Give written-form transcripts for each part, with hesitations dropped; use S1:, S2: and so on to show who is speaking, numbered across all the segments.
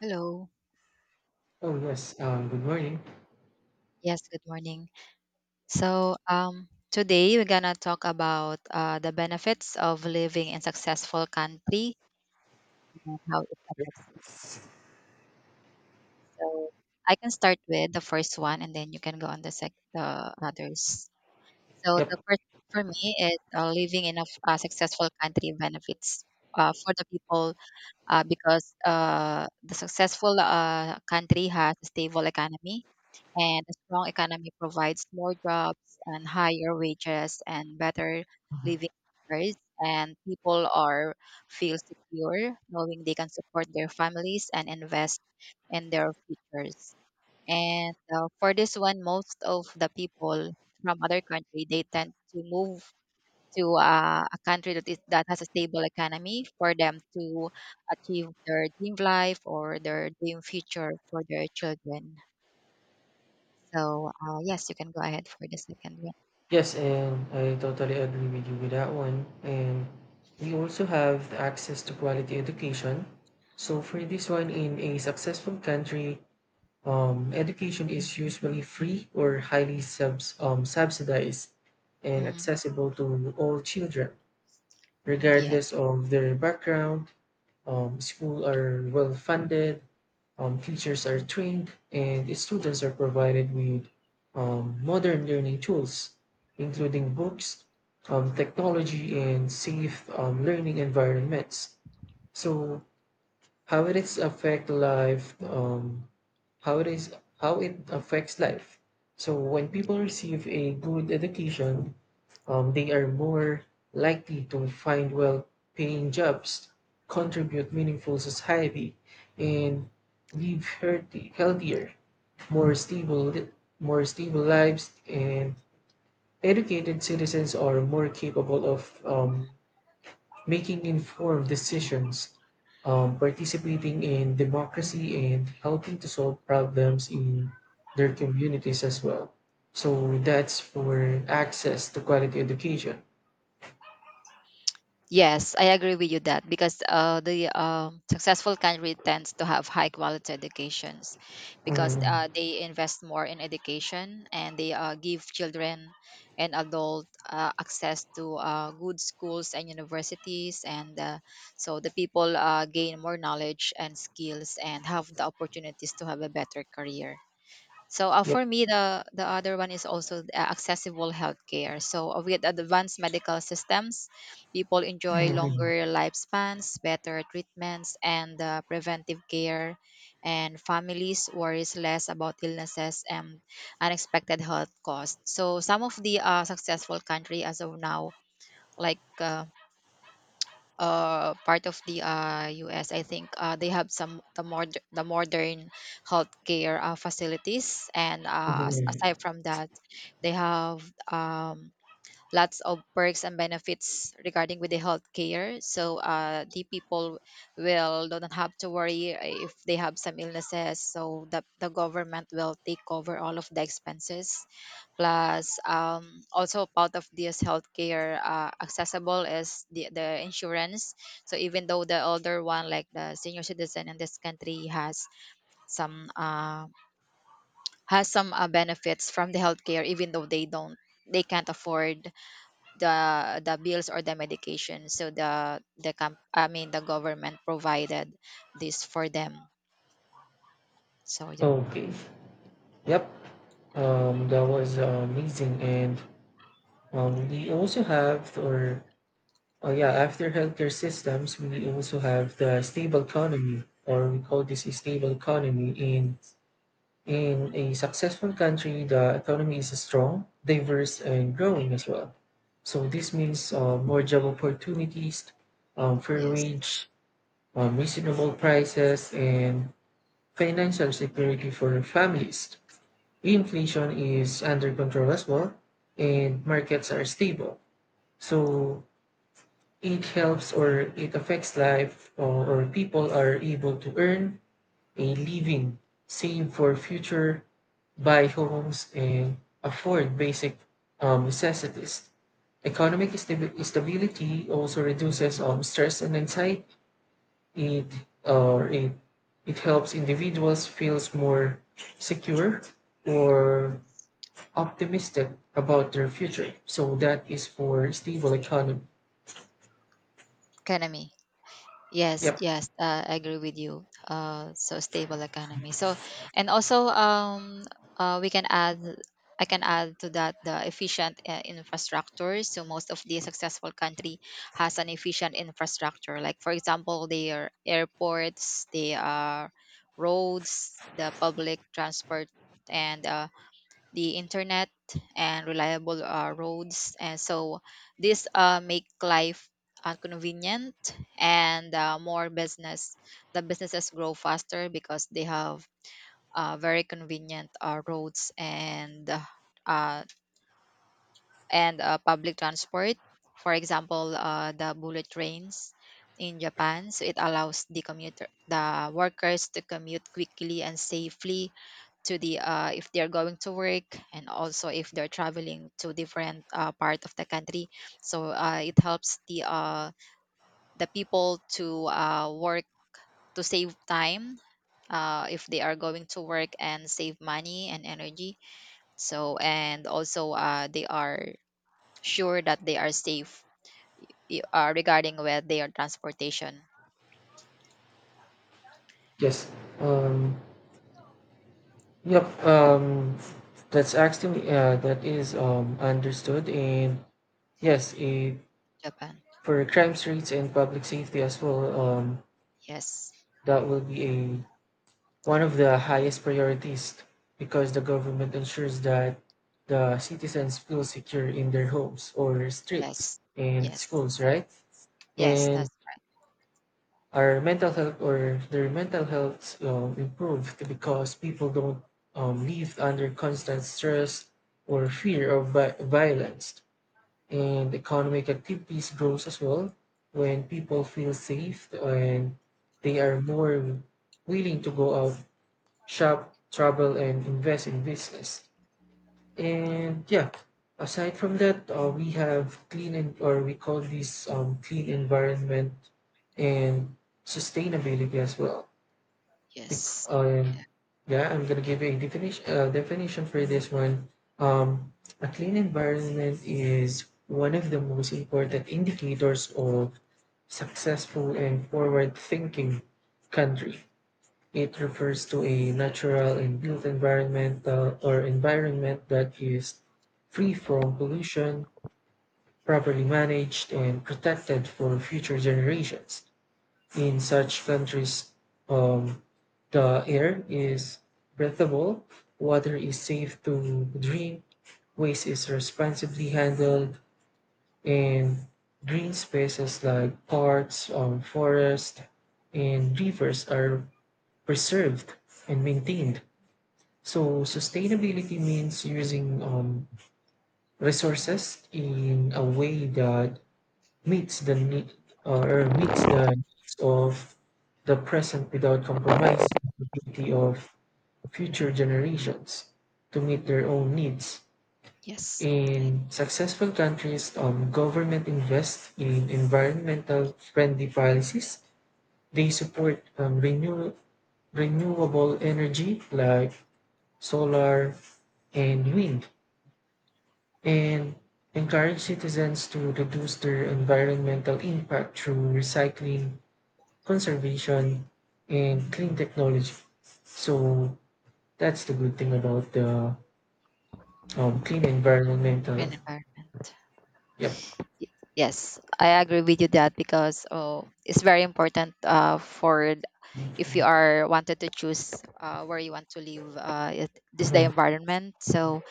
S1: Hello.
S2: Oh yes, good morning.
S1: Yes, good morning. So, today we're gonna talk about the benefits of living in successful country and how it affects me. So, I can start with the first one, and then you can go on the sec the others. So,
S2: Yep.
S1: the first for me is living in a, a successful country benefits for the people because the successful country has a stable economy, and a strong economy provides more jobs and higher wages and better
S2: Mhm.
S1: living standards, and people are feel secure knowing they can support their families and invest in their futures. And for this one, most of the people from other country, they tend to move to a country that is that has a stable economy for them to achieve their dream life or their dream future for their children. So, yes, you can go ahead for the second one.
S2: Yes, and I totally agree with you with that one. And we also have the access to quality education. So for this one, in a successful country, education is usually free or highly subsidized and
S1: Hmm.
S2: accessible to all children,
S1: Yes.
S2: regardless of their background. Schools are well funded, teachers are trained, and students are provided with modern learning tools, including books, technology, and safe learning environments. So, how it is affect life? How it is how it affects life. So when people receive a good education, they are more likely to find well-paying jobs, contribute meaningful society, and live healthier, more stable, more stable lives. And educated citizens are more capable of making informed decisions, participating in democracy, and helping to solve problems in their communities as well. So that's for access to quality education.
S1: Yes, I agree with you that because the successful country tends to have high quality educations because
S2: Mhm.
S1: they invest more in education, and they give children and adult access to good schools and universities. And so the people gain more knowledge and skills and have the opportunities to have a better career. So
S2: Yep.
S1: for me, the other one is also accessible healthcare. So with advanced medical systems, people enjoy
S2: Mhm.
S1: longer lifespans, better treatments, and preventive care, and families worries less about illnesses and unexpected health costs. So some of the successful country as of now, like part of the US, I think they have some the more the modern healthcare facilities, and
S2: Mhm.
S1: aside from that, they have um, lots of perks and benefits regarding with the healthcare. So the people will don't have to worry if they have some illnesses. So the government will take over all of the expenses. Plus, also part of this healthcare accessible is the insurance. So even though the older one, like the senior citizen in this country, has some benefits from the healthcare, even though they don't they can't afford the the bills or the medication. So the comp- I mean the government provided this for them. So y-
S2: Okay. Yep. That was amazing. And we also have, or oh yeah, after healthcare systems, we also have the stable economy, or we call this a stable economy in a successful country. The economy is strong, diverse, and growing as well. So this means more job opportunities, fair
S1: yes,
S2: wage, reasonable prices, and financial security for families. Inflation is under control as well, and markets are stable. So it helps or it affects life, or people are able to earn a living, save for future, buy homes, and afford basic necessities. Economic stability also reduces stress and anxiety. It, or it, it helps individuals feels more secure or optimistic about their future. So that is for stable economy.
S1: economy. Yes,
S2: Yep.
S1: yes, I agree with you. So stable economy. So, and also, we can add, I can add to that the efficient infrastructure. So most of the successful country has an efficient infrastructure. Like for example, their airports, their roads, the public transport, and the internet and reliable roads. And so this make life convenient, and more business the businesses grow faster because they have very convenient roads and uh, public transport. For example, the bullet trains in Japan, so it allows the commuter, the workers to commute quickly and safely to the if they're going to work, and also if they're traveling to different part of the country. So it helps the people to work to save time if they are going to work, and save money and energy. So and also they are sure that they are safe, regarding with their transportation.
S2: Yes. Um, Yep, um, that is understood, and yes, eh,
S1: Japan.
S2: for crime rates and public safety as well,
S1: Yes.
S2: that will be a one of the highest priorities because the government ensures that the citizens feel secure in their homes or streets
S1: Yes.
S2: and
S1: Yes.
S2: schools, right?
S1: Yes.
S2: And
S1: That's
S2: our mental health or their mental health improved because people don't live under constant stress or fear of violence, and economic activities grows as well when people feel safe and they are more willing to go out shop travel and invest in business. And yeah, aside from that, we have clean or we call these clean environment and sustainability as well. Bec-
S1: yes.
S2: Um,
S1: Yeah.
S2: yeah, I'm gonna give you a definition for this one. Um, a clean environment is one of the most important indicators of successful and forward-thinking country. It refers to a natural and built environment that is free from pollution, properly managed, and protected for future generations. In such countries, um, the air is breathable, water is safe to drink, waste is responsibly handled, and green spaces like parks, forests, and rivers are preserved and maintained. So sustainability means using resources in a way that meets the need meets the needs of the present without compromise the ability of future generations to meet their own needs.
S1: Yes.
S2: In successful countries, government invests in environmental friendly policies. They support renewable energy like solar and wind and encourage citizens to reduce their environmental impact through recycling, conservation, and clean technology. So that's the good thing about the clean environmental.
S1: And environment.
S2: Yep.
S1: Y- Yes, I agree with you that because oh, it's very important if you are wanted to choose where you want to live, this is the
S2: Mhm.
S1: environment. So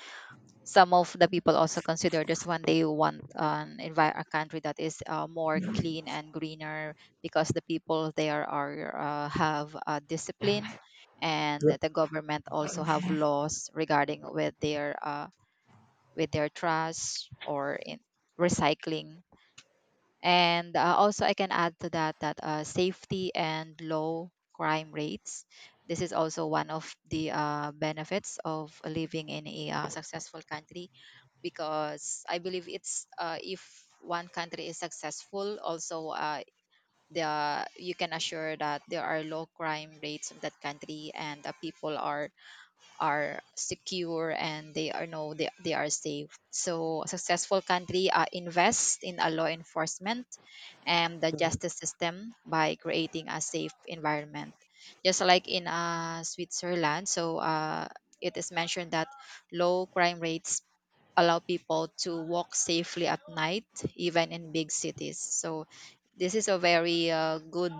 S1: some of the people also consider this when they want a country that is more clean and greener because the people there are have discipline, and that the government also have laws regarding with their trash or in recycling. And also I can add to that that safety and low crime rates, this is also one of the benefits of living in a successful country, because I believe it's if one country is successful, also the you can assure that there are low crime rates of that country, and the people are secure and they are know they are safe. So a successful country invest in a law enforcement and the justice system by creating a safe environment, just like in Switzerland. So it is mentioned that low crime rates allow people to walk safely at night, even in big cities. So this is a very good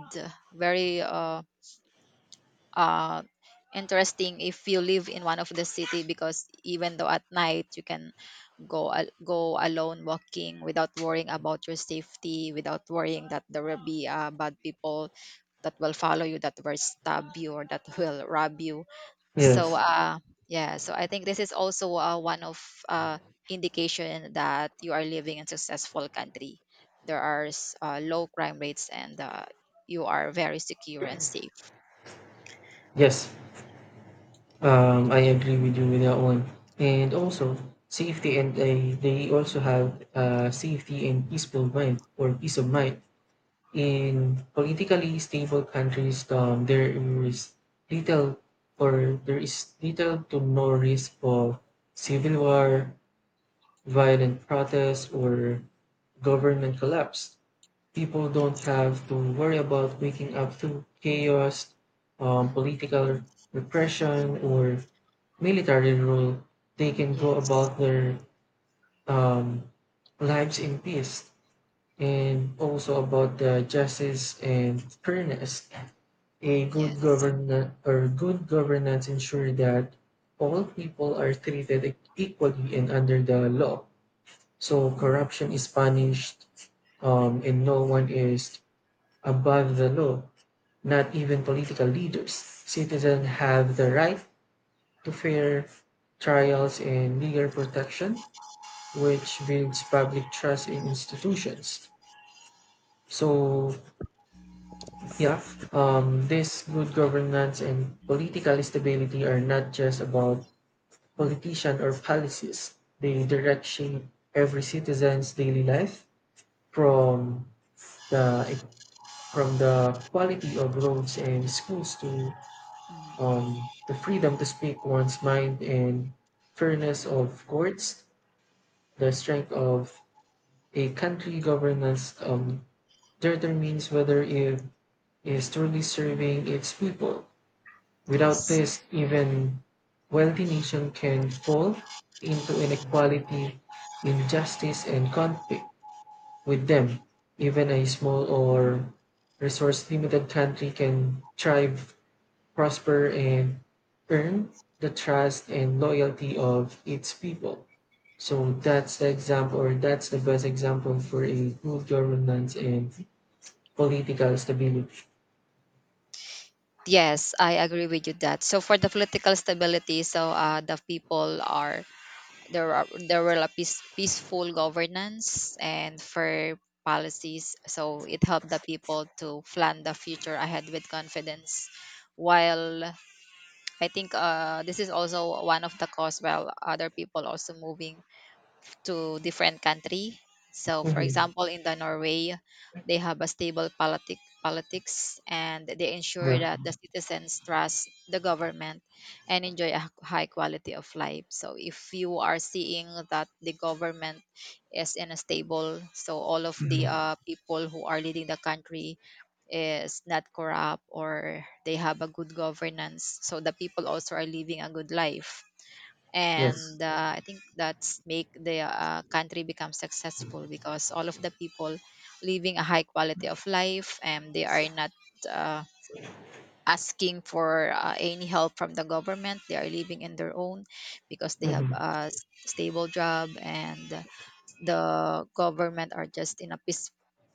S1: very uh, interesting if you live in one of the city, because even though at night you can go alone walking without worrying about your safety, without worrying that there will be bad people that will follow you, that will stab you or that will rob you. so
S2: Yes.
S1: uh yeah, so I think this is also one of uh indication that you are living in successful country. There are low crime rates, and you are very secure and safe.
S2: Yes. I agree with you with that one. And also safety and they also have safety and peaceful mind or peace of mind. In politically stable countries, there is little or there is little to no risk of civil war, violent protests, or government collapse. People don't
S1: Yes.
S2: have to worry about waking up to chaos, political repression, or military rule. They can go
S1: Yes.
S2: about their um, lives in peace, and also about the justice and fairness. A good
S1: Yes.
S2: governance or good governance ensure that all people are treated equally and under the law. So corruption is punished, and no one is above the law. Not even political leaders. Citizens have the right to fair trials and legal protection, which builds public trust in institutions. So yeah, this good governance and political stability are not just about politician or policies. They direct shape every citizen's daily life from the the quality of roads and schools to
S1: Mm,
S2: the freedom to speak one's mind and fairness of courts. The strength of a country governance determines whether it is truly serving its people. Without
S1: yes.
S2: this, even wealthy nation can fall into inequality, injustice, and conflict. With them, even a small or resource limited country can thrive, prosper, and earn the trust and loyalty of its people. So that's the example, or that's the best example for a good governance and political stability.
S1: Yes, I agree with you that. So for the political stability, so the people are there will a peace, peaceful governance and fair policies. So it helped the people to plan the future ahead with confidence. While I think this is also one of the cause while other people also moving to different country. So, for
S2: Mhm.
S1: example, in the Norway, they have a stable politics, and they ensure
S2: Yeah.
S1: that the citizens trust the government and enjoy a high quality of life. So, if you are seeing that the government is unstable, so all of the
S2: Mhm.
S1: people who are leading the country is not corrupt or they have a good governance, so the people also are living a good life.
S2: Yes.
S1: And I think that's make the country become successful, because all of the people living a high quality of life and they are not uh, asking for any help from the government. They are living in their own because they have
S2: Mhm.
S1: a stable job, and the government are just in a peace,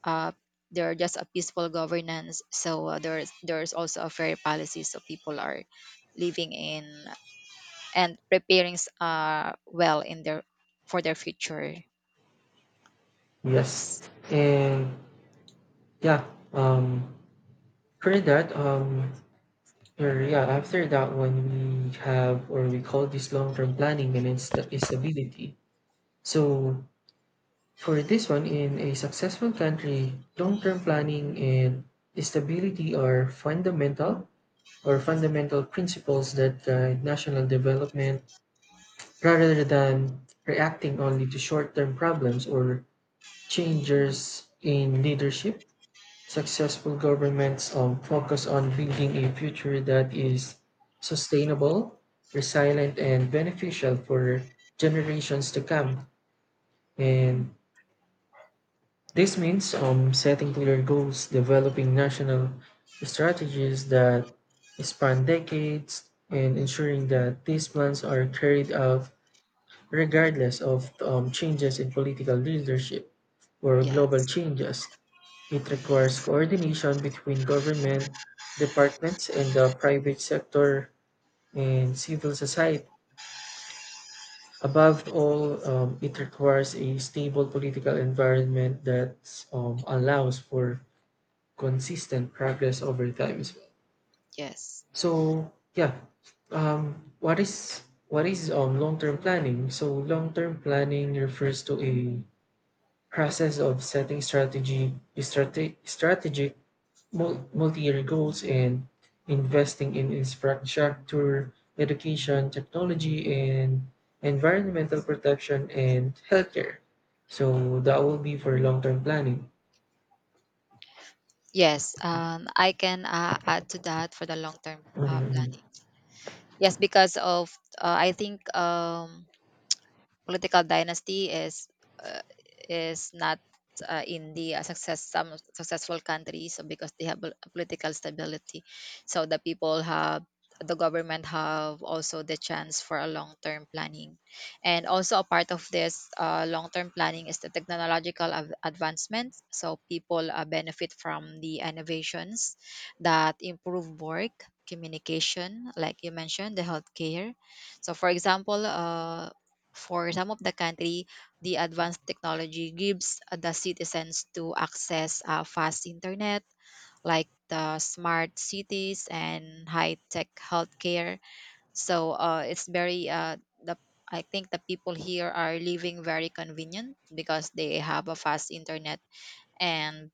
S1: uh, they're just a peaceful governance. So there's also a fair policy, so people are living in and preparing well in their for their future.
S2: Yes,
S1: S-
S2: and yeah, um, for that, or yeah, after that one, we have or we call this long-term planning and stability. So for this one, in a successful country, long-term planning and stability are fundamental or fundamental principles that guide national development rather than reacting only to short-term problems or changes in leadership. Successful governments focus on building a future that is sustainable, resilient, and beneficial for generations to come. And this means setting clear goals, developing national strategies that span decades, and
S1: mm,
S2: ensuring that these plans are carried out regardless of changes in political leadership. For global
S1: yes.
S2: changes, it
S1: Mm,
S2: requires coordination between government departments and the private sector and civil society. Above all, it requires a stable political environment that allows for consistent progress over time as well.
S1: yes.
S2: So, yeah, um, what is what is long-term planning? So, long-term planning refers to a process of setting strategic multi-year goals and investing in infrastructure, education, technology, and environmental protection and healthcare. So that will be for long-term planning.
S1: Yes. I can add to that for the long term
S2: Hmm.
S1: planning. Yes, because of I think political dynasty uh, is not in the success some successful countries, so because they have a political stability, so the government have also the chance for a long-term planning. And also a part of this long-term planning is the technological advancements, so people benefit from the innovations that improve work communication, like you mentioned the healthcare. So for example, for some of the country, the advanced technology gives the citizens to access fast internet, like the smart cities and high-tech healthcare. So it's very the I think the people here are living very convenient because they have a fast internet and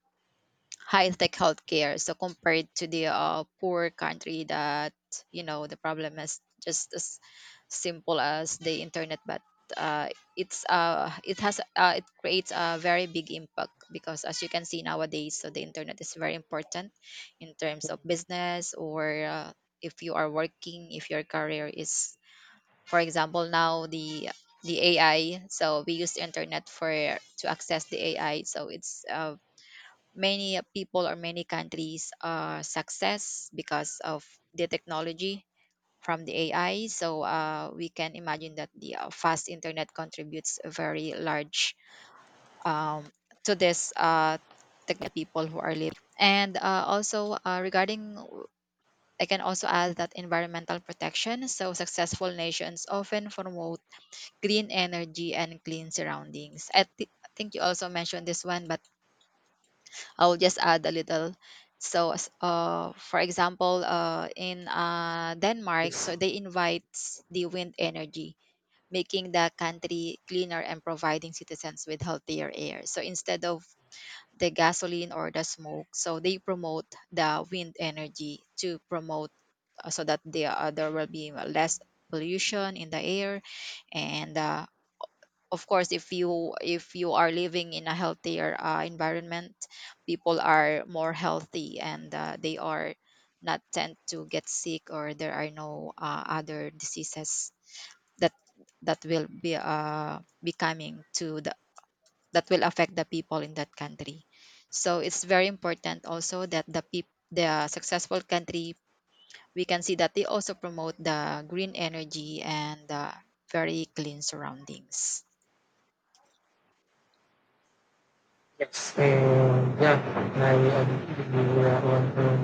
S1: high-tech healthcare. So compared to the poor country that, you know, the problem is just as simple as the internet, but uh, it's it has it creates a very big impact, because as you can see nowadays, so the internet is very important in terms of business or if you are working, if your career is, for example, now the AI. So we use the internet for to access the AI. So it's many people or many countries success because of the technology from the AI. So we can imagine that the fast internet contributes a very large um, to this technology people who are living. And also regarding, I can also add that environmental protection. So successful nations often promote green energy and clean surroundings. Think you also mentioned this one, but I'll just add a little. So, for example, in Denmark,
S2: Yes.
S1: so they invite the wind energy, making the country cleaner and providing citizens with healthier air. So instead of the gasoline or the smoke, so they promote the wind energy to promote so that there will be less pollution in the air and of course if you are living in a healthier environment, people are more healthy and they are not tend to get sick, or there are no other diseases that that will be uh, becoming to the that will affect the people in that country. So it's very important also that the successful country, we can see that they also promote the green energy and very clean surroundings.
S2: Yes. And yeah, I agree with you on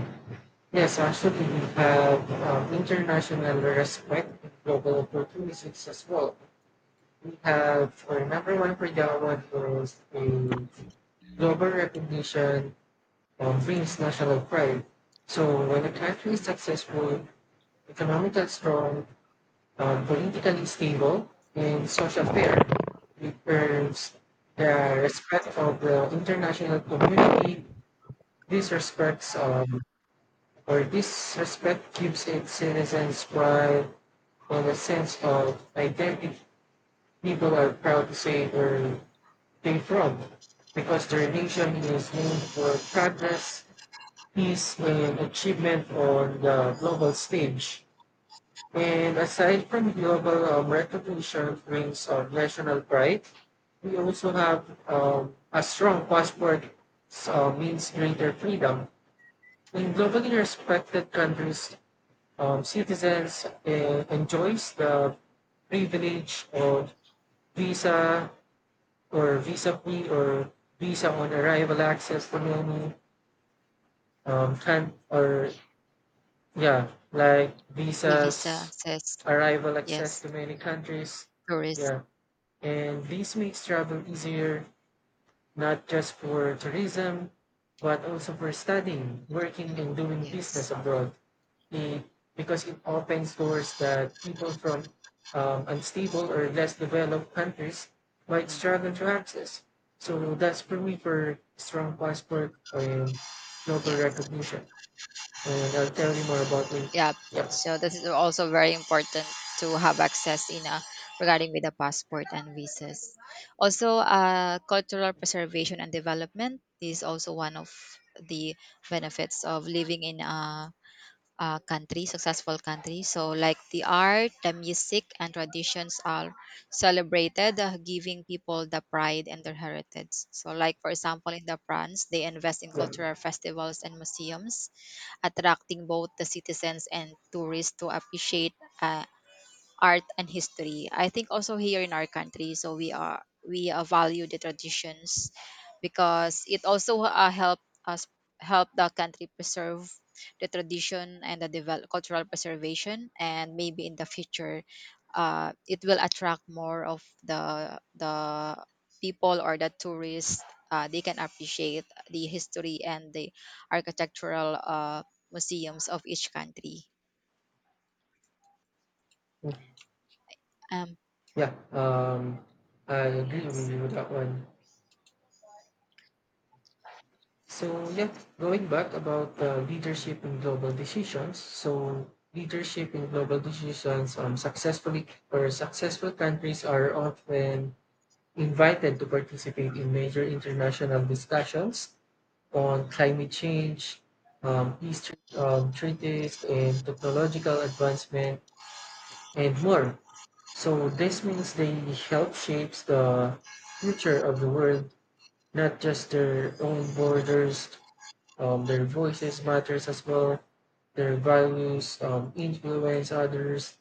S2: yes, actually we have international respect and global opportunities as well. We have our number one for that one was a global recognition brings national pride. So when a country is successful, economically strong, politically stable, and social fair, it earns the respect of the international community. This respects um, this respect gives its citizens pride and a sense of identity. People are proud to say or be from because the nation is known for progress, peace, and achievement on the global stage. And aside from global recognition brings of national pride, we also have a strong passport so means greater freedom. In globally respected countries, citizens enjoys the privilege of visa, or visa free or visa on arrival access for many can or yeah like
S1: Vivi
S2: visas
S1: says
S2: arrival access
S1: yes,
S2: to many countries.
S1: tourists.
S2: Yeah, and this makes travel easier, not just for tourism, but also for studying, working, and doing business
S1: Yes.
S2: abroad. It, because it opens doors that people from unstable or less developed countries might
S1: Mm,
S2: struggle to access. So that's for me for strong passport and global
S1: yeah.
S2: recognition. And I'll tell you more about me.
S1: Yeah.
S2: Yep.
S1: So this is also very important to have access in regarding with the passport and visas. Also, cultural preservation and development is also one of the benefits of living in a country, successful country. So, like the art, the music, and traditions are celebrated, giving people the pride and their heritage. So, like for example, in the France, they invest in
S2: Yeah.
S1: cultural festivals and museums, attracting both the citizens and tourists to appreciate uh, art and history. I think also here in our country, so we value the traditions because it also help us help the country preserve the tradition and the develop, cultural preservation, and maybe in the future it will attract more of the people or the tourists. They can appreciate the history and the architectural museums of each country. Um,
S2: Yeah. I agree with
S1: yes.
S2: you with that one. So yeah, going back about leadership in global decisions. So leadership in global decisions, successful countries are often invited to participate in major international discussions on climate change, treaties, and technological advancement, and more. So this means they help shapes the future of the world, not just their own borders. Their voices matters as well, their values influence others,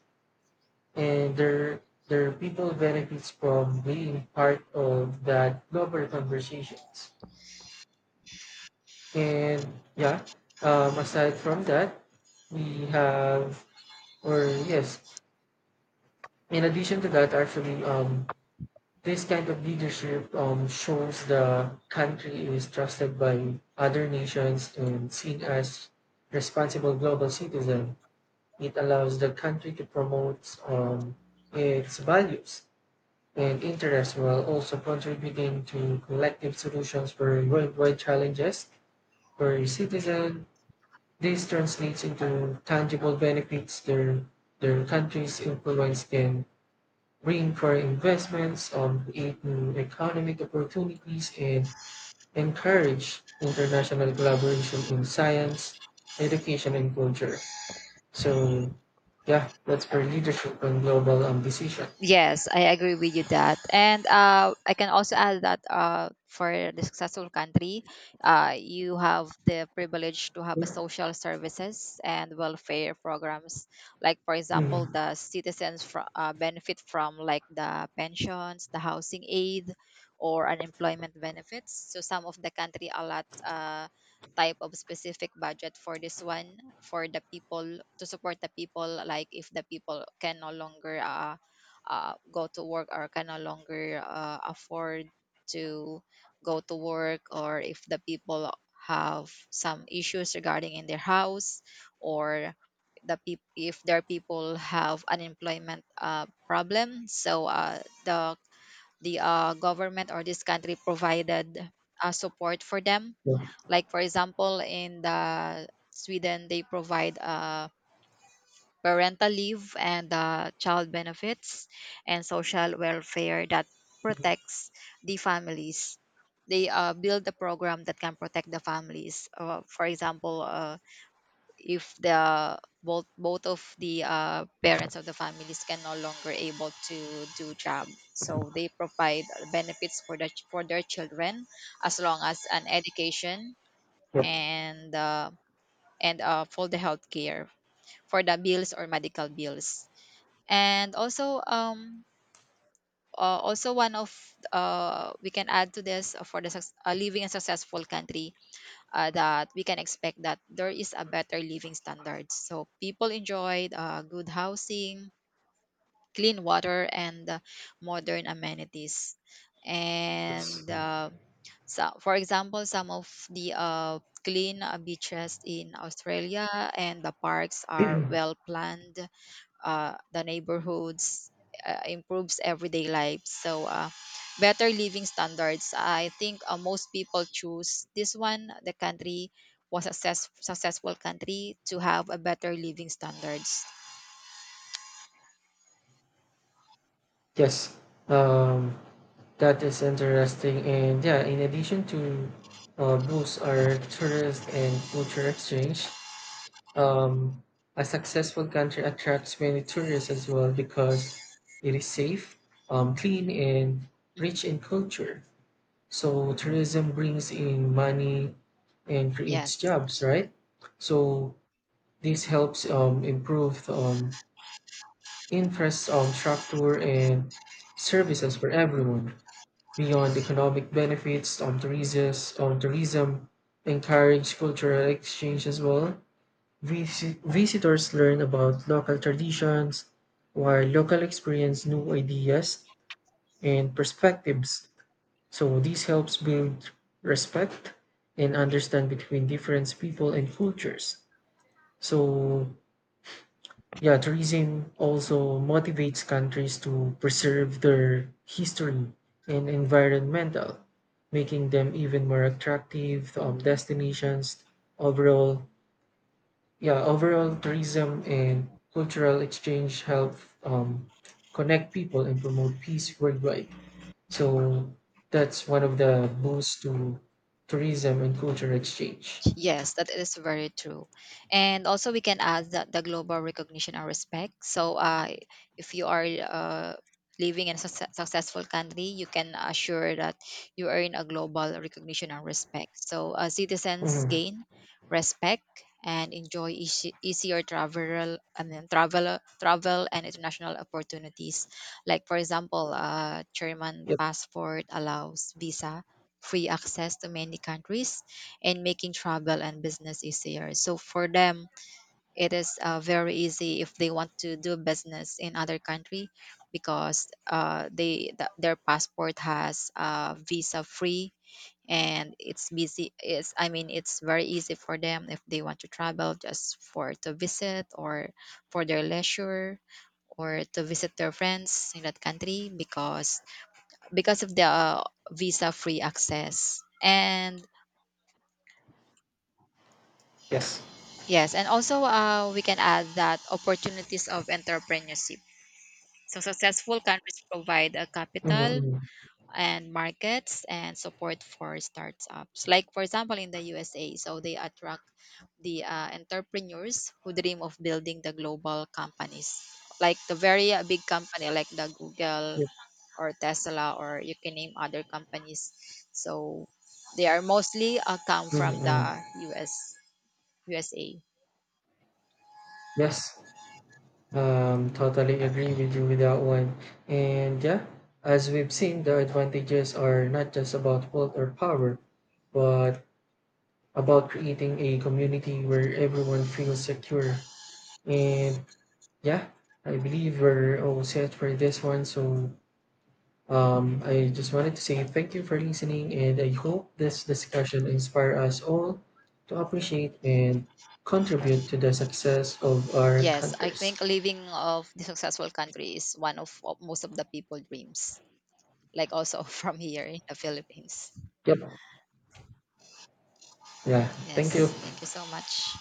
S2: and their people benefits from being part of that global conversations. And yeah, aside from that we have or yes, in addition to that, actually, this kind of leadership shows the country is trusted by other nations and seen as responsible global citizen. It allows the country to promote its values and interests while also contributing to collective solutions for worldwide challenges for citizens. This translates into tangible benefits. Their country's influence can bring for investments, create new economic opportunities, and encourage international collaboration in science, education, and culture. So yeah, that's for leadership and global ambition.
S1: Yes, I agree with you that. And I can also add that for the successful country, you have the privilege to have a social services and welfare programs. Like, for example,
S2: Mm,
S1: the citizens benefit from like the pensions, the housing aid, or unemployment benefits. So some of the country allot type of specific budget for this one for the people, to support the people, like if the people can no longer go to work or can no longer afford to go to work, or if the people have some issues regarding in their house, or if their people have unemployment problem. So the the government or this country provided support for them.
S2: yeah.
S1: Like for example in the Sweden, they provide parental leave and child benefits and social welfare that protects the families. They build a program that can protect the families. For example, if the both of the parents of the families can no longer able to do job, so they provide benefits for their children, as long as an education,
S2: Yep.
S1: and for the healthcare, for the bills or medical bills. And also, also one of, we can add to this, for the living a successful country, that we can expect that there is a better living standards, so people enjoyed good housing, clean water, and modern amenities.
S2: Yes.
S1: And so for example, some of the clean beaches in Australia and the parks are well planned. The neighborhoods, improves everyday life. So, better living standards. I think most people choose this one, the country was a successful country, to have a better living standards.
S2: Yes. Um, that is interesting. And yeah, in addition to boost our tourist and culture exchange, um, a successful country attracts many tourists as well because it is safe, clean, and rich
S1: Mhm.
S2: in culture. So tourism brings in money and creates
S1: Yes,
S2: jobs,
S1: that's right.
S2: right? So this helps improve infrastructure and services for everyone. Beyond economic benefits, tourism encourage cultural exchange as well. Visitors learn about local traditions, while local experience new ideas and perspectives. So this helps build respect and understand between different people and cultures. So yeah, tourism also motivates countries to preserve their history and environmental, making them even more attractive destinations. Overall, yeah, overall tourism and cultural exchange help um, connect people and promote peace worldwide. So that's one of the boosts to tourism and cultural exchange.
S1: Yes, that is very true. And also, we can add that the global recognition and respect. So, if you are living in a successful country, you can assure that you earn a global recognition and respect. So, citizens
S2: Mhm.
S1: gain respect and enjoy easier travel, and then travel and international opportunities. Like for example, German
S2: Yep.
S1: passport allows visa free access to many countries and making travel and business easier. So for them, it is very easy if they want to do business in other country, because their passport has visa free. And it's busy it's I mean it's very easy for them if they want to travel, just for to visit or for their leisure, or to visit their friends in that country, because of the visa free access. And
S2: Yes.
S1: yes, and also we can add that opportunities of entrepreneurship. So successful countries provide a
S2: Mm-hmm.
S1: capital
S2: Mm-hmm.
S1: and markets and support for startups. Like for example in the USA, so they attract the entrepreneurs who dream of building the global companies, like the very big company like the Google
S2: Yep.
S1: or Tesla, or you can name other companies. So they are mostly come from
S2: Mm-hmm.
S1: the US USA.
S2: Yes. Totally agree with you with that one. And yeah, as we've seen, the advantages are not just about wealth or power, but about creating a community where everyone feels secure. And yeah, I believe we're all set for this one. So I just wanted to say thank you for listening, and I hope this discussion inspire us all to appreciate and contribute to the success of our
S1: Yes, I think
S2: countries.
S1: living of the successful country is one of most of the people dreams, like also from here in the Philippines.
S2: Yep. Yeah. Thank
S1: Yes,
S2: you.
S1: thank you so much.